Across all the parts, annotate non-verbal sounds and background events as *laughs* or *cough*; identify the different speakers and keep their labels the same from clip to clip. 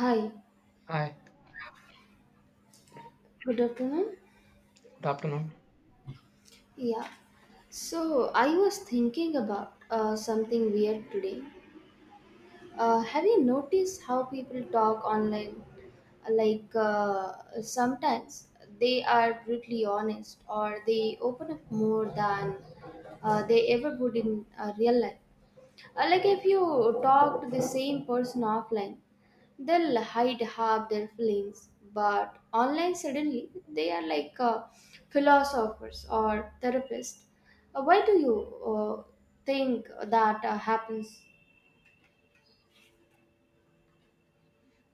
Speaker 1: Hi,
Speaker 2: Hi,
Speaker 1: good afternoon.
Speaker 2: good afternoon.
Speaker 1: Yeah, so I was thinking about something weird today. Have you noticed how people talk online? Like uh, Sometimes they are brutally honest, or they open up more than they ever would in real life. Like if you talk to the same person offline, they'll hide half their feelings, but online suddenly they are like philosophers or therapists. Why do you think that happens?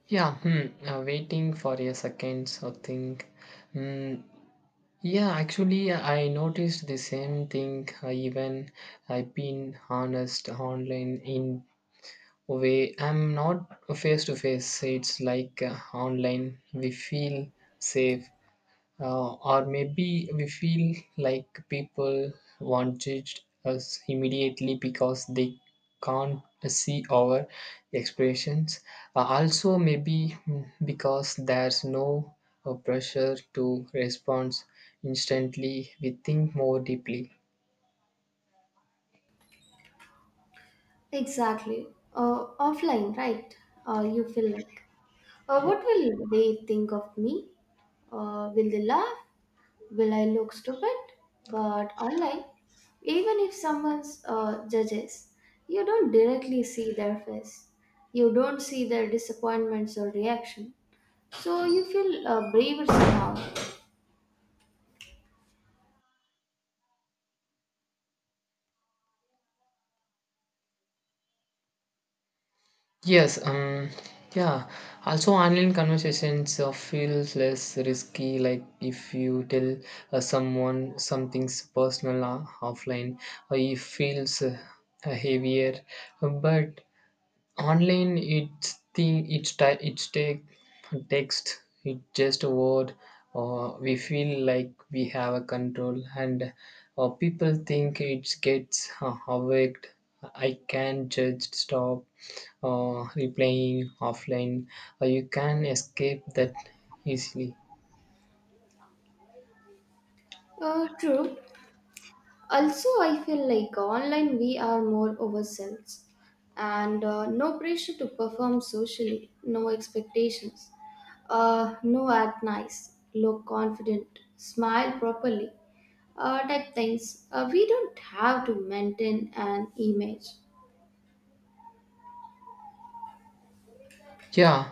Speaker 2: Yeah, waiting for a second, so think. Hmm, yeah, actually, I noticed the same thing. Even I've been honest online in a way. I'm not face to face. It's like online. We feel safe, or maybe we feel like people want judged us immediately because they can't see our expressions also maybe because there's no pressure to respond instantly we think more deeply.
Speaker 1: Exactly. Offline, right? You feel like, what will they think of me? Will they laugh? Will I look stupid? But online, even if someone's judges, you don't directly see their face. You don't see their disappointments or reaction. So you feel braver somehow.
Speaker 2: Yes, um, yeah. Also, online conversations feel less risky. Like if you tell someone something's personal offline, it feels heavier. But online it's take text it just a word or we feel like we have a control and or people think it gets awaked. I can just stop or replying offline or you can escape that easily.
Speaker 1: True. Also, I feel like online we are more ourselves, and no pressure to perform socially, no expectations, no act nice, look confident, smile properly, type things. We don't have to maintain an image.
Speaker 2: Yeah,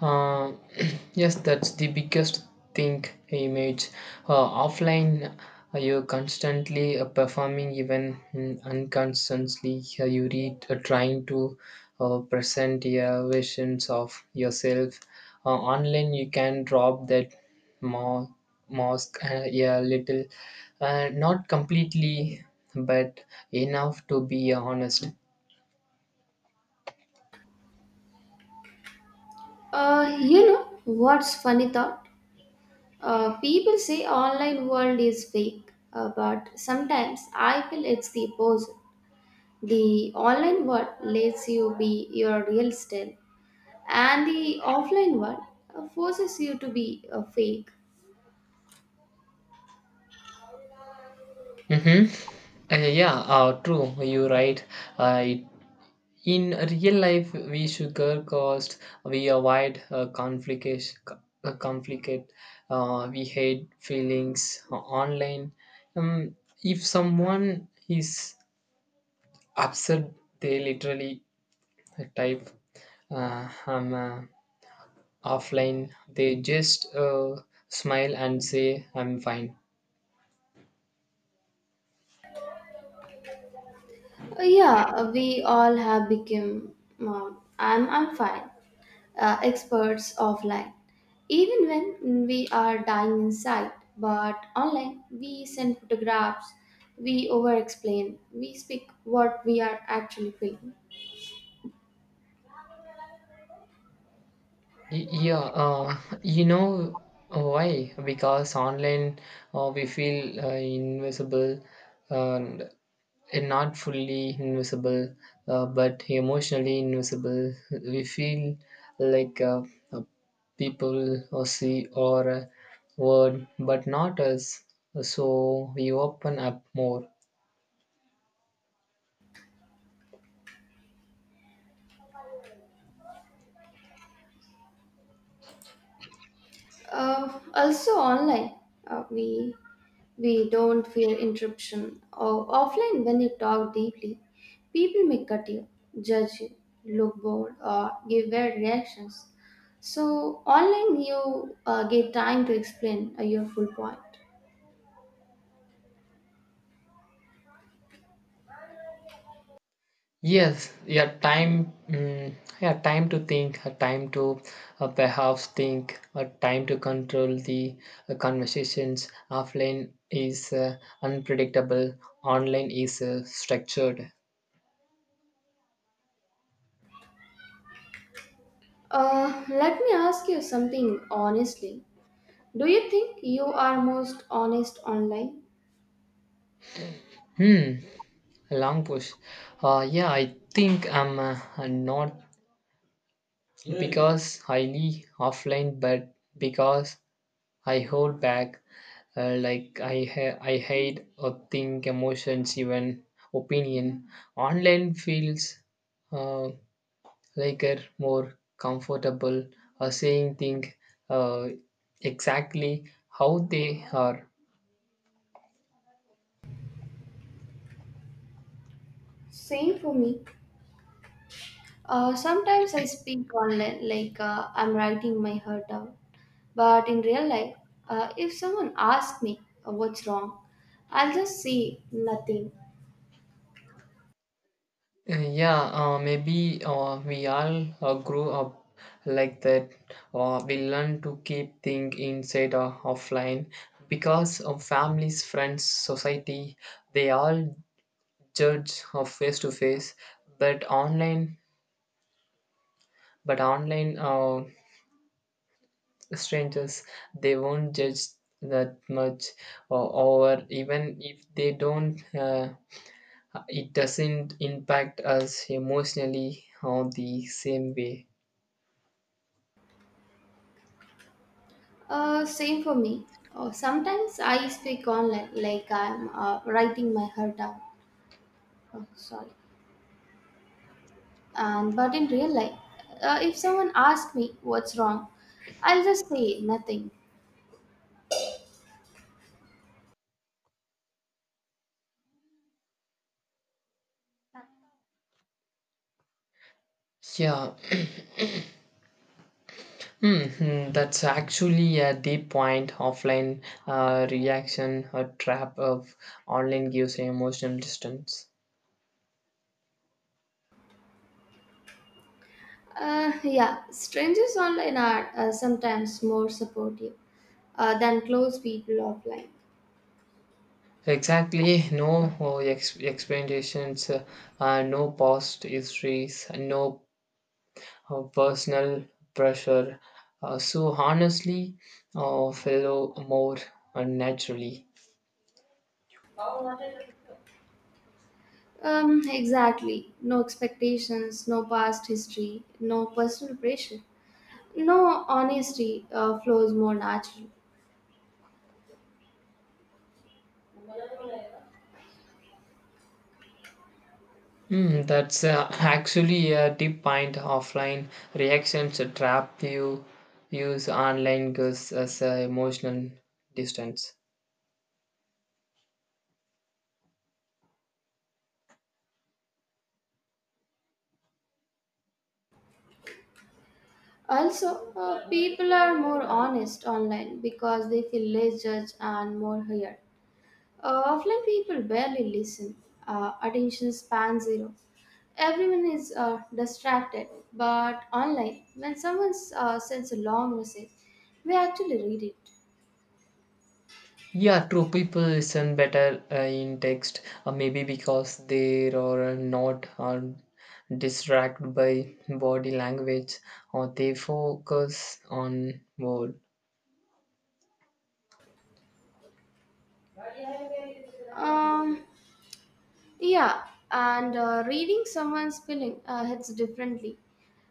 Speaker 2: uh, *clears throat* yes, that's the biggest thing image. Offline, you're constantly performing, even unconsciously. You read, trying to present your visions of yourself. Online, you can drop that ma- mask, yeah, a little, not completely, but enough to be honest.
Speaker 1: You know what's funny thought, people say online world is fake, but sometimes I feel it's the opposite. The online world lets you be your real self, and the offline world forces you to be a fake.
Speaker 2: Mm-hmm. Yeah, true. You're right. Uh, in real life, we sugarcoat, we avoid conflict, we hate feelings online. Um, if someone is upset, they literally type "I'm offline." They just smile and say, "I'm fine."
Speaker 1: Yeah, we all have become, um, I'm fine, experts offline, even when we are dying inside. But online, we send photographs, we over-explain, we speak what we are actually feeling.
Speaker 2: Yeah, *laughs* you know why? Because online we feel invisible and and not fully invisible, but emotionally invisible. We feel like uh, people or see or word, but not us. So we open up more.
Speaker 1: Also online, uh, we we don't fear interruption. Or offline, when you talk deeply, people may cut you, judge you, look bored, or give weird reactions. So online, you get time to explain your full point.
Speaker 2: Yes, yeah, time to think, a time to perhaps think, a time to control the conversations. Offline is unpredictable, online is structured.
Speaker 1: Let me ask you something honestly. Do you think you are most honest online?
Speaker 2: Hmm, a long push. Yeah, I think I'm not because highly offline, but because I hold back, like I hide or think emotions, even opinion. Online feels uh, like a more comfortable saying things uh, exactly how they are.
Speaker 1: Same for me. Sometimes I speak online like I'm writing my heart out. But in real life, if someone asks me what's wrong, I'll just say nothing.
Speaker 2: Yeah, maybe we all grew up like that. We learn to keep things inside or offline because of families, friends, society. They all judge of face to face but online but online strangers they won't judge that much or, or even if they don't, it doesn't impact us emotionally or the same way.
Speaker 1: Same for me. Sometimes I speak online like I'm writing my heart out. Oh, sorry. And but in real life, if someone asks me what's wrong, I'll just say nothing.
Speaker 2: Yeah. That's actually a deep point offline reaction or trap of online gives emotional distance.
Speaker 1: Yeah, strangers online are sometimes more supportive than close people offline.
Speaker 2: Exactly, explanations, no past histories, no personal pressure. So honestly, fellow more naturally.
Speaker 1: Exactly. No expectations, no past history, no personal pressure, no honesty flows more naturally.
Speaker 2: That's *laughs* actually a deep point. Offline reactions trap you. Use online girls as a emotional distance.
Speaker 1: Also, people are more honest online because they feel less judged and more heard. Offline people barely listen. Attention span zero. Everyone is distracted, but online, when someone sends a long message, we actually read it.
Speaker 2: Yeah, true. People listen better in text, maybe because they are not distracted by body language or they focus on word.
Speaker 1: Um, yeah, and reading someone's feeling hits differently.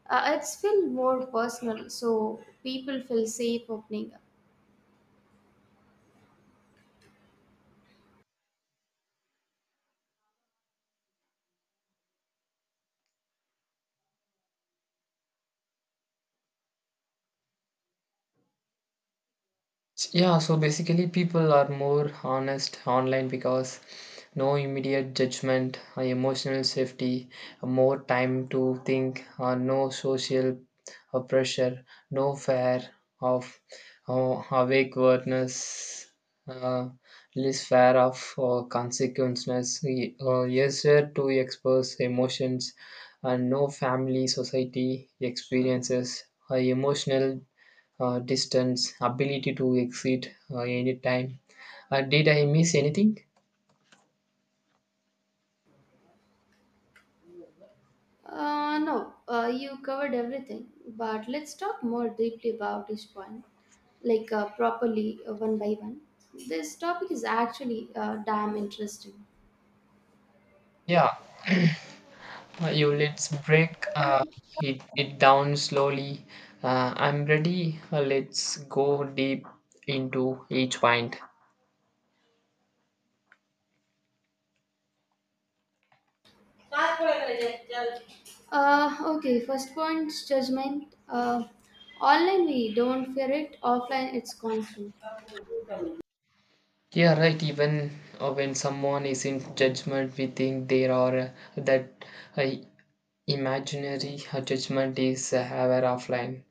Speaker 1: It's feel more personal, so people feel safe opening up.
Speaker 2: Yeah, so basically, people are more honest online because no immediate judgment, emotional safety, more time to think, no social pressure, no fear of awkwardness, uh, less fear of consequences, yes, sir, to express emotions, and no family, society experiences, emotional distance, ability to exit anytime. Did I miss anything?
Speaker 1: No, you covered everything, but let's talk more deeply about each point, like properly one by one. This topic is actually damn interesting.
Speaker 2: Yeah, you let's break it down slowly. I'm ready. Let's go deep into each point.
Speaker 1: Okay, first point, judgment. Online we don't fear it, offline it's constant.
Speaker 2: Yeah, right. Even when someone is in judgment, we think there are that uh, imaginary judgment is aware offline.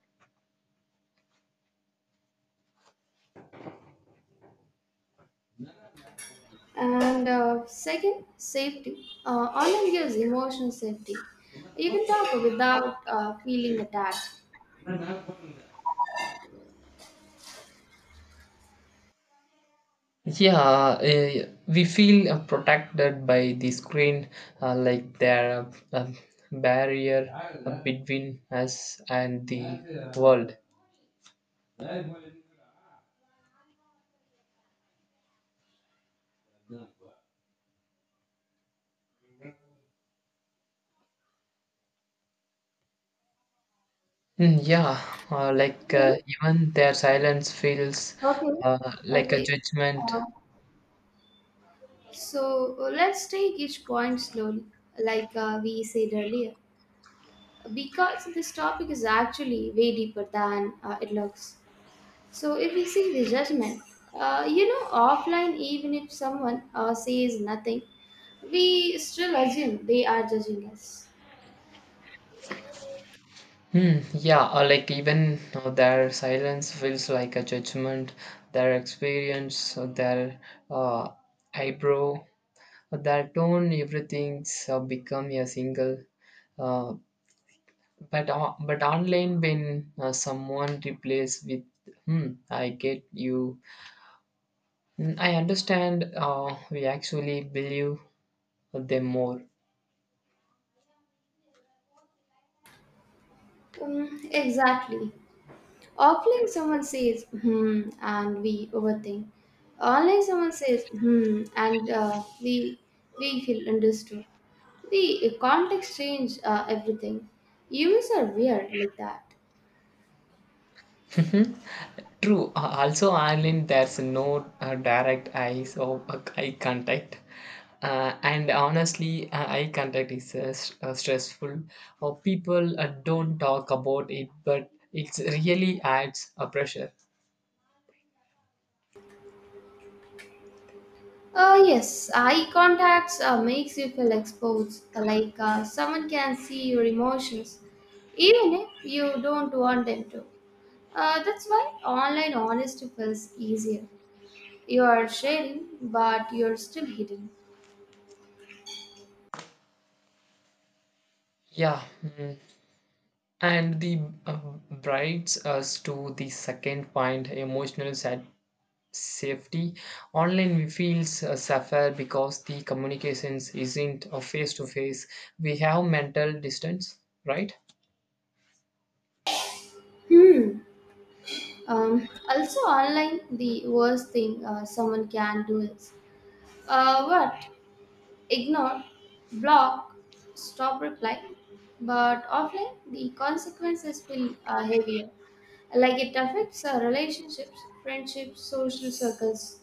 Speaker 1: And second, safety. Online gives emotional safety. You can talk without feeling attacked.
Speaker 2: *laughs* Yeah, we feel protected by the screen, like there are a barrier between us and the world. Mm, yeah, like
Speaker 1: Okay.
Speaker 2: even their silence feels
Speaker 1: Okay,
Speaker 2: uh, like a
Speaker 1: okay.
Speaker 2: judgment.
Speaker 1: Uh, so let's take each point slowly, like we said earlier, because this topic is actually way deeper than it looks. So if we see the judgment, you know, offline, even if someone says nothing, we still assume they are judging us.
Speaker 2: Hmm. Yeah, or like even their silence feels like a judgment. Their experience, their uh, eyebrow that tone, everything's become a single. Uh, but online, when someone replays with "Hmm, I get you," I understand. We actually believe them more.
Speaker 1: Exactly. Offline, someone says, hmm, and we overthink. Online, someone says, hmm, and we feel understood. The context change everything. Humans are weird like that.
Speaker 2: Mhm. True. Also, online there's no direct eyes or eye contact, and honestly, eye contact is stressful. Or people don't talk about it, but it really adds a pressure.
Speaker 1: Yes, eye contacts makes you feel exposed, like someone can see your emotions, even if you don't want them to. That's why online honesty feels easier. You are sharing, but you're still hidden.
Speaker 2: Yeah, mm. And the uh, brides us to the second point: emotional sad safety online feels safer because the communications isn't a face to face we have mental distance right.
Speaker 1: Hmm. Also, online, the worst thing someone can do is, what? Ignore, block, stop reply. But offline, the consequences will heavier. Like it affects our relationships, friendships, social circles.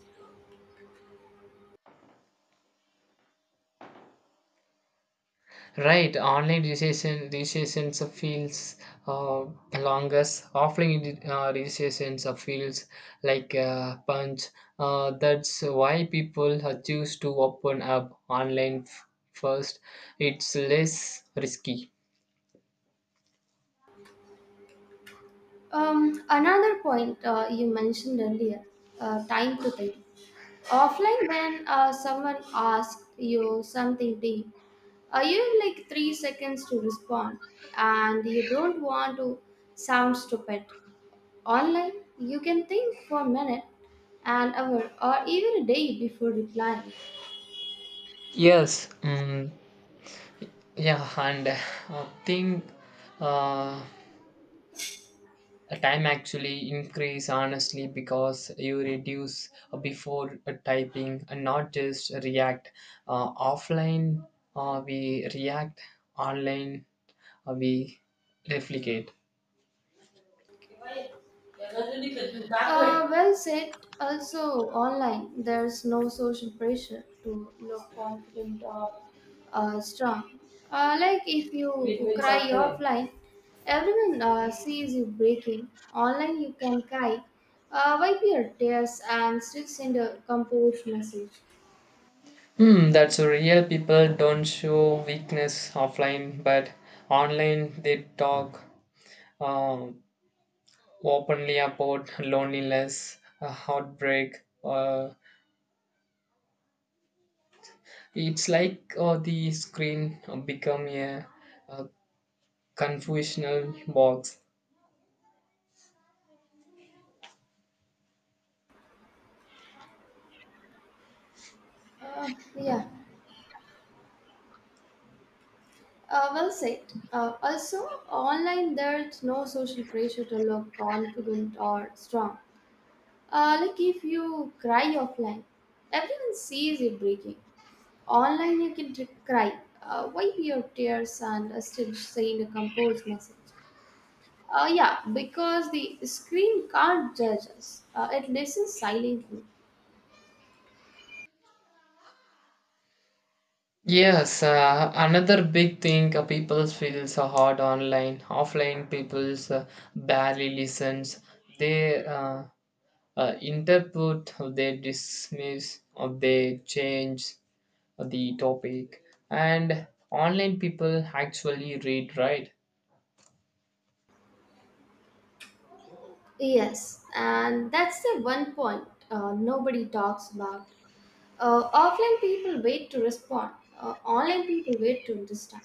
Speaker 2: Right, online registration registrations of fields uh, longest offline registrations of fields like punch. That's why people choose to open up online first, it's less risky.
Speaker 1: Another point you mentioned earlier, time to think. Offline, when someone asks you something deep, you have like 3 seconds to respond, and you don't want to sound stupid. Online, you can think for a minute, an hour, or even a day before replying.
Speaker 2: Yes. Yeah, and I think uh, time actually increase honestly because you reduce before typing and not just react. Offline, we react. Online, we replicate.
Speaker 1: Well said. Also, online, there's no social pressure to look confident or strong. Like if you cry offline, everyone sees you breaking. Online, you can cry, wipe your tears, and still send a composed message.
Speaker 2: Hmm, that's real. People don't show weakness offline, but online they talk um, openly about loneliness, heartbreak, uh, it's like the screen become a confusional box.
Speaker 1: Uh, yeah, well said. Also, online, there's no social pressure to look confident or strong. Like if you cry offline, everyone sees you breaking. Online, you can cry, wipe your tears, and still send a composed message. Yeah, because the screen can't judge us, it listens silently.
Speaker 2: Yes, another big thing, people feels so hard online. Offline people barely listens. They interpret, or they dismiss, or they change the topic. And online people actually read, right?
Speaker 1: Yes, and that's the one point nobody talks about. Offline people wait to respond, online people wait to understand.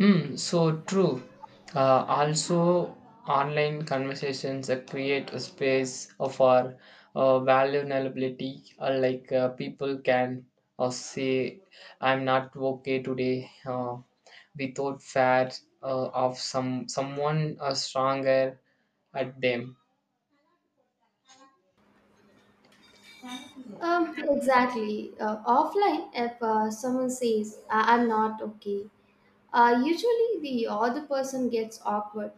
Speaker 2: So true. Also, online conversations create a space for vulnerability, like people can say, I'm not okay today, without fear of someone stronger at them.
Speaker 1: Exactly. Offline, if someone says, I'm not okay, usually the other person gets awkward,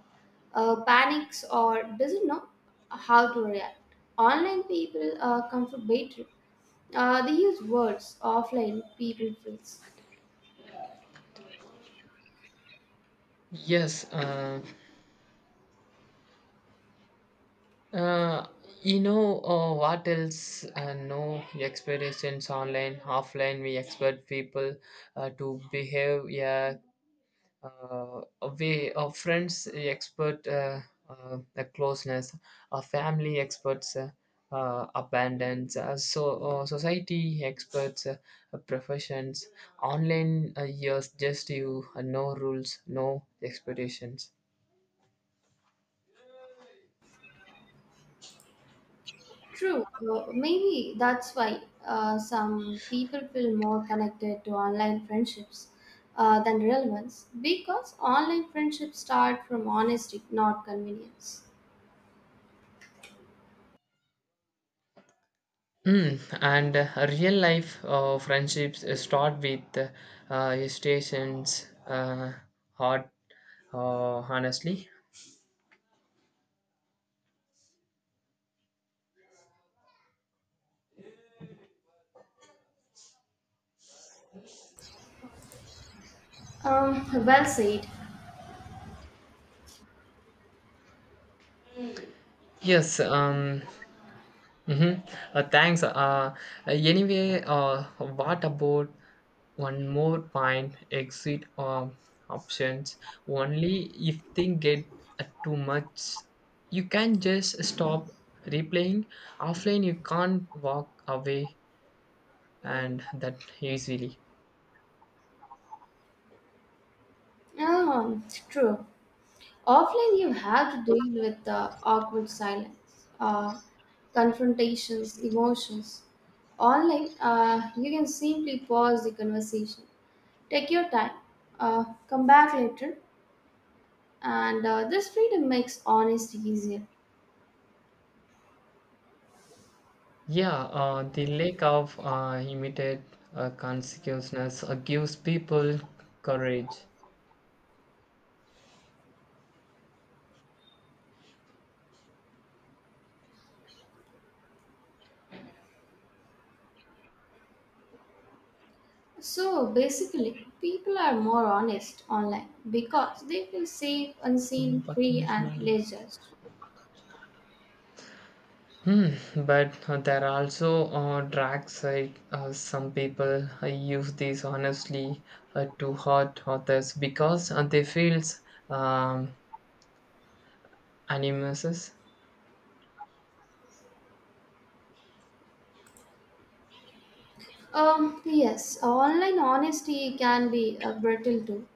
Speaker 1: panics, or doesn't know how to react. Online people comfort better. They use words, offline people freeze.
Speaker 2: Yes. Uh, you know what else? No expectations online, offline. We expect people to behave. Yeah, uh, we our friends expect the closeness. Our family experts abundance. So society experts professions. Online years just you. No rules, no expectations.
Speaker 1: True. Maybe that's why some people feel more connected to online friendships than real ones, because online friendships start from honesty, not convenience.
Speaker 2: And real life friendships start with hesitations, heart, honestly.
Speaker 1: Well said.
Speaker 2: Yes, mhm. Thanks. Anyway, what about one more point exit options? Only if things get too much, you can just stop replaying. Offline, you can't walk away and that easily.
Speaker 1: True. Offline, you have to deal with the awkward silence, uh, confrontations, emotions. Online, you can simply pause the conversation, take your time, come back later, and this freedom makes honesty easier.
Speaker 2: Yeah, the lack of immediate consequences gives people courage.
Speaker 1: So basically, people are more honest online because they feel safe, unseen, free,
Speaker 2: Hmm,
Speaker 1: and less judged.
Speaker 2: but there are also dark side. Some people use this honestly to hurt others because they feel um, animuses.
Speaker 1: Yes, online honesty can be brittle too.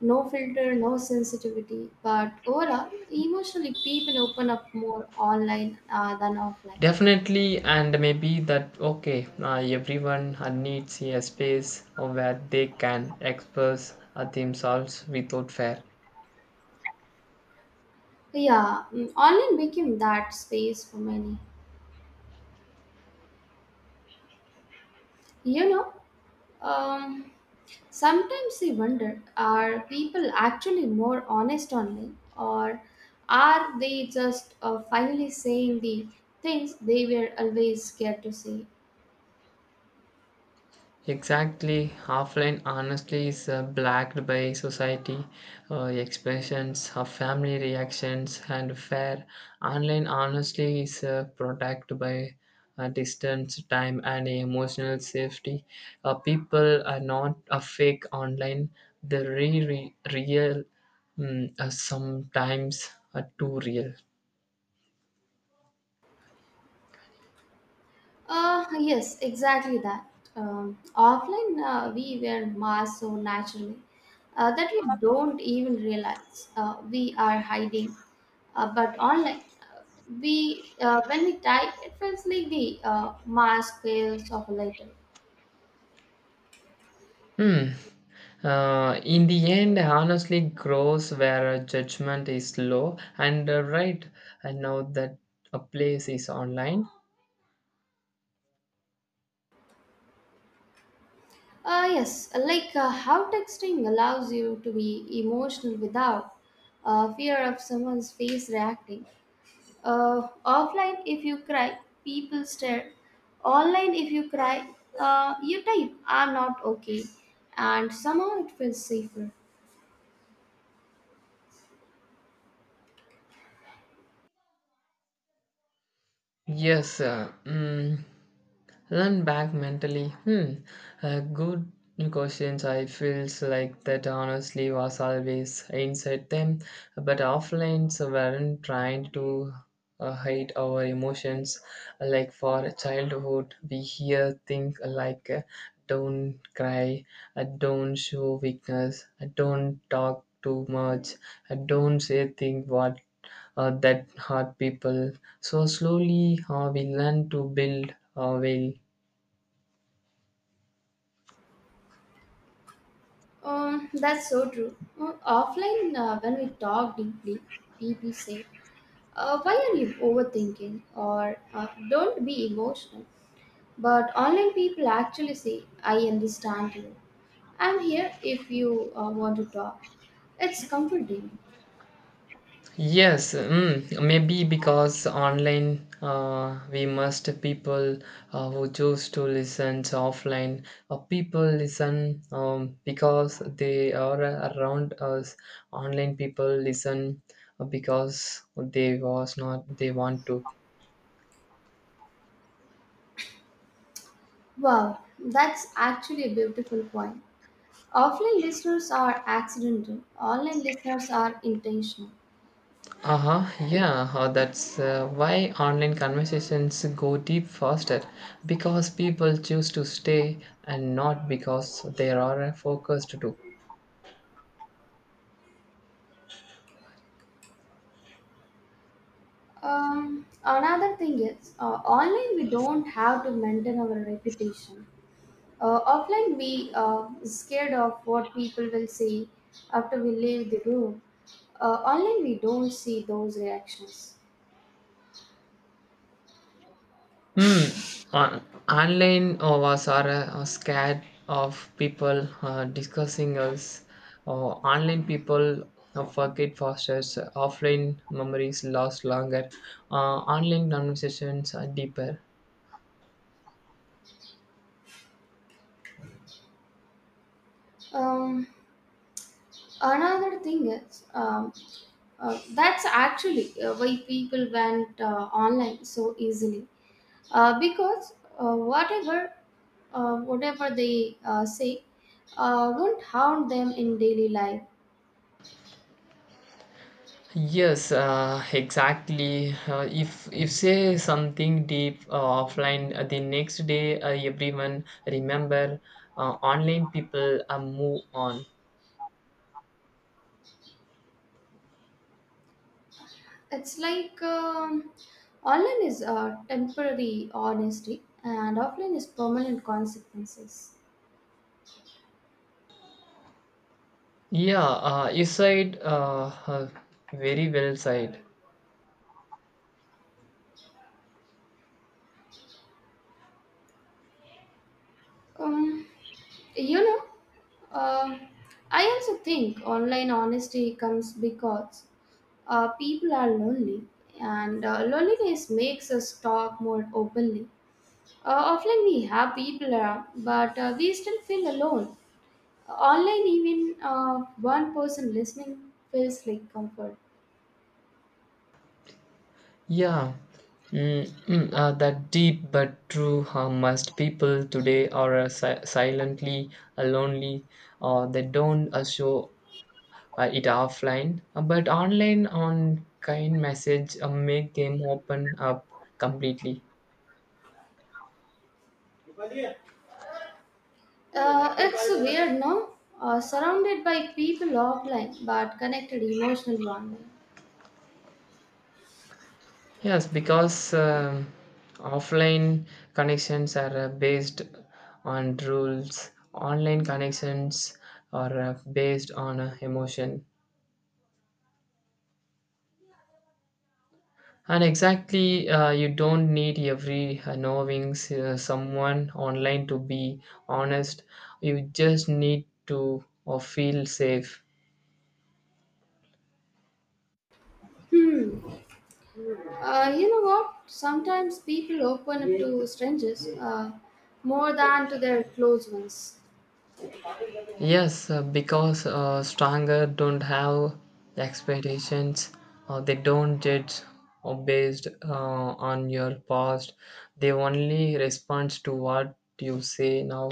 Speaker 1: No filter, no sensitivity, but overall, emotionally, people open up more online than offline.
Speaker 2: Definitely, and maybe that okay, everyone needs a space where they can express themselves without fear.
Speaker 1: Yeah, mm, online became that space for many. You know, um, sometimes we wonder, are people actually more honest online, or are they just finally saying the things they were always scared to say?
Speaker 2: Exactly, offline honestly is blacked by society expressions, of family reactions, and fair. Online honestly is protected by distance, time, and emotional safety. People are not a fake online; they're real, sometimes too real.
Speaker 1: Yes, exactly that. Offline, we wear masks so naturally that we don't even realize we are hiding. But online, uh, we when we type, it feels like the mask fails off later.
Speaker 2: Hmm. In the end, honestly, grows where a judgment is low. And right, I know that a place is online.
Speaker 1: Yes, like how texting allows you to be emotional without fear of someone's face reacting. Offline, if you cry, people stare. Online, if you cry, you type, I'm not okay. And somehow it feels safer.
Speaker 2: Yes, uh, mm, Run back mentally. Hmm. A good questions. I feels like that honestly was always inside them, but offlines weren't trying to hide our emotions. Like for childhood, we hear things like "Don't cry," "Don't show weakness," "Don't talk too much," "Don't say things what that hurt people." So slowly, we learn to build well,
Speaker 1: That's so true. Offline, when we talk deeply, people say, why are you overthinking? Or don't be emotional. But online people actually say, I understand you. I'm here if you want to talk. It's comforting.
Speaker 2: yes, maybe because online we must people who choose to listen to offline. People listen because they are around us. Online people listen because they was not they want to.
Speaker 1: Wow, that's actually a beautiful point. Offline listeners are accidental, online listeners are intentional.
Speaker 2: Uh-huh, yeah, that's why online conversations go deep faster because people choose to stay and not because they are focused to.
Speaker 1: Another thing is, online we don't have to maintain our reputation. Offline we are scared of what people will say after we leave the room. Online we don't see those reactions.
Speaker 2: Hmm. Online are scared of people discussing us. Or online people forget faster. So offline memories last longer. Online conversations are deeper.
Speaker 1: Um, another thing is, that's actually why people went online so easily, because whatever they say won't harm them in daily life.
Speaker 2: Yes, exactly. If say something deep offline, the next day everyone remember. Online people move on.
Speaker 1: It's like online is temporary honesty and offline is permanent consequences.
Speaker 2: Yeah, you said very well said.
Speaker 1: Um, you know, uh, I also think online honesty comes because people are lonely, and loneliness makes us talk more openly. Offline, we have people around, but we still feel alone. Online, even one person listening feels like comfort.
Speaker 2: Yeah, that deep but true must people today are silently lonely, or they don't show it offline. But online on kind message make them open up completely.
Speaker 1: It's weird, no? Surrounded by people offline, but connected emotionally online.
Speaker 2: Yes, because offline connections are based on rules, online connections are based on emotion. And exactly, you don't need every knowing someone online to be honest. You just need to feel safe.
Speaker 1: Hmm. You know what? Sometimes people open up to strangers more than to their close ones.
Speaker 2: Yes, because stronger don't have expectations or they don't judge or based on your past. They only respond to what you say now.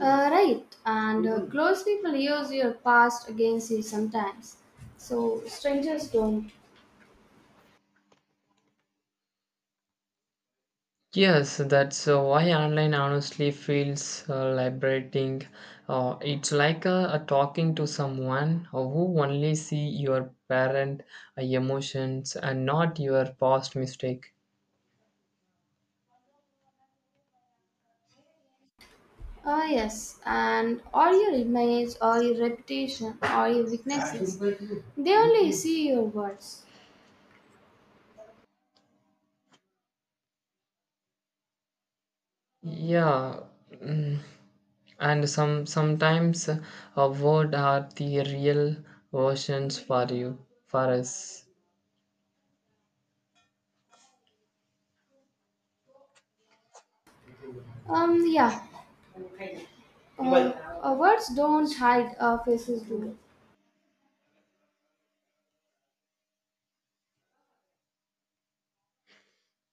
Speaker 1: Right, and close people use your past against you sometimes. So strangers don't.
Speaker 2: Yes, that's why online honestly feels liberating. It's like a talking to someone who only see your parent emotions and not your past mistake.
Speaker 1: Ah, yes, and all your image, all your reputation, all your weaknesses, they only see your words.
Speaker 2: Yeah, mm, and sometimes a word are the real versions for you for us.
Speaker 1: Yeah, uh, words don't hide, faces do.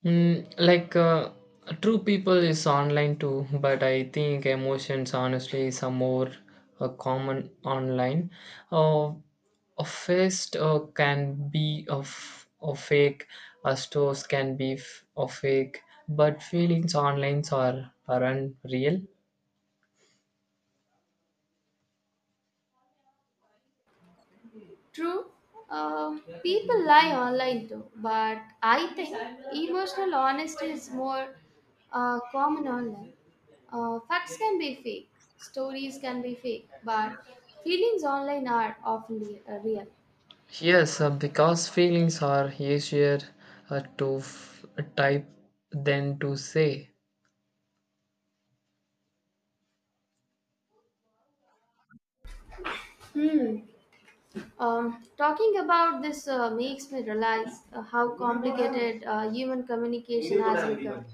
Speaker 2: Like true people is online too but I think emotions honestly is a more common online. Uh, a fist can be of a fake, a stores can be a fake but feelings online are unreal.
Speaker 1: True, people lie online too, but I think emotional honesty is more common online. Facts can be fake, stories can be fake, but feelings online are often real.
Speaker 2: Yes, because feelings are easier type than to say,
Speaker 1: Hmm. Talking about this makes me realize how complicated human communication has become.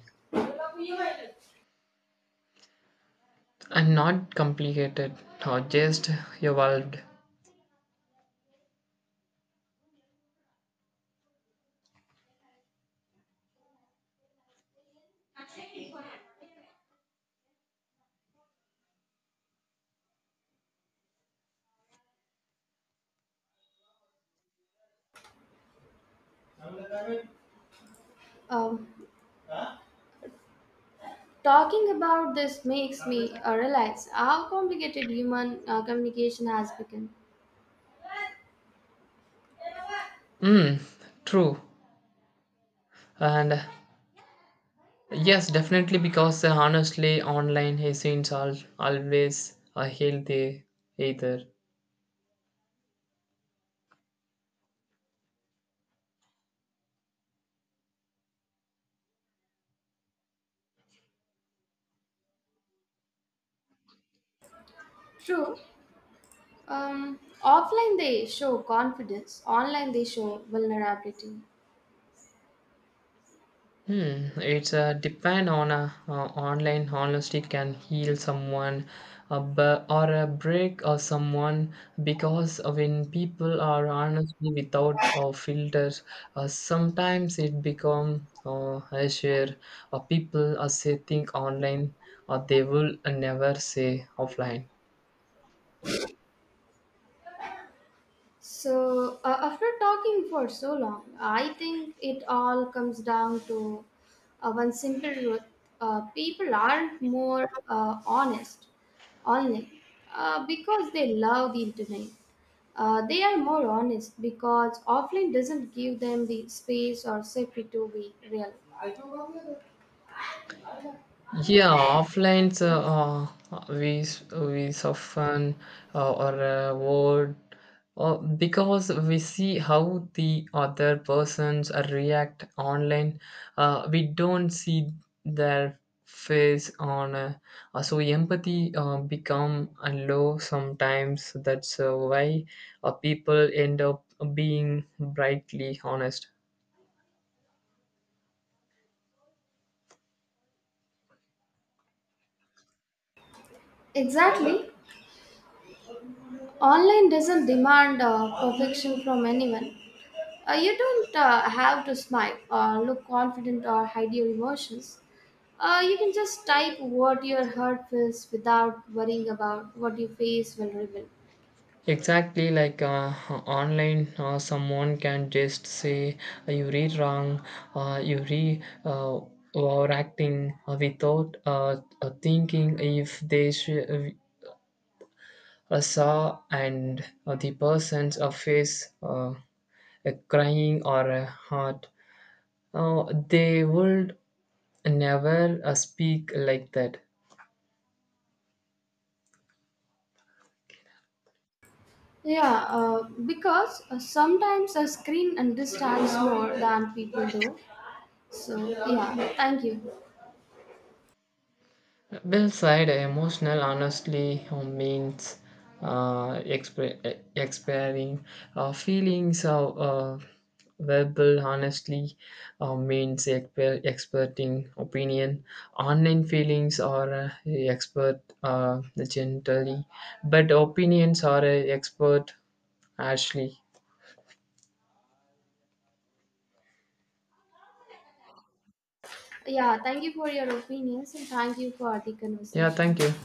Speaker 2: and not complicated or just evolved.
Speaker 1: Um, Talking about this makes me realize how complicated human communication has become.
Speaker 2: Mm, true. And yes, definitely because honestly, online scenes are always a healthy either.
Speaker 1: True, offline they show confidence, online they show vulnerability.
Speaker 2: Hmm, it's depend on a online honesty can heal someone, or a break or someone because when people are honestly without filters, sometimes it become I share. Or people are say think online, or they will never say offline.
Speaker 1: So, after talking for so long, I think it all comes down to one simple truth: people aren't more honest online because they love the internet. They are more honest because offline doesn't give them the space or safety to be real.
Speaker 2: Yeah, we we soften or word because we see how the other persons react online. We don't see their face on. So empathy become low sometimes. That's why people end up being brightly honest.
Speaker 1: Exactly. Online doesn't demand perfection from anyone. You don't have to smile or look confident or hide your emotions. You can just type what your heart feels without worrying about what your face will reveal.
Speaker 2: Exactly, like online, someone can just say you read wrong, you read overacting without thinking if saw and the person's face crying or hurt. They would never speak like that.
Speaker 1: Yeah, because sometimes a screen understands more than people do. So, yeah, thank you.
Speaker 2: Well said, emotional honestly means expiring feelings of verbal honestly means experting opinion. Online feelings are expert gently, but opinions are expert harshly.
Speaker 1: Yeah, thank you for your opinions and thank you for the
Speaker 2: Yeah,
Speaker 1: conversation.
Speaker 2: thank you.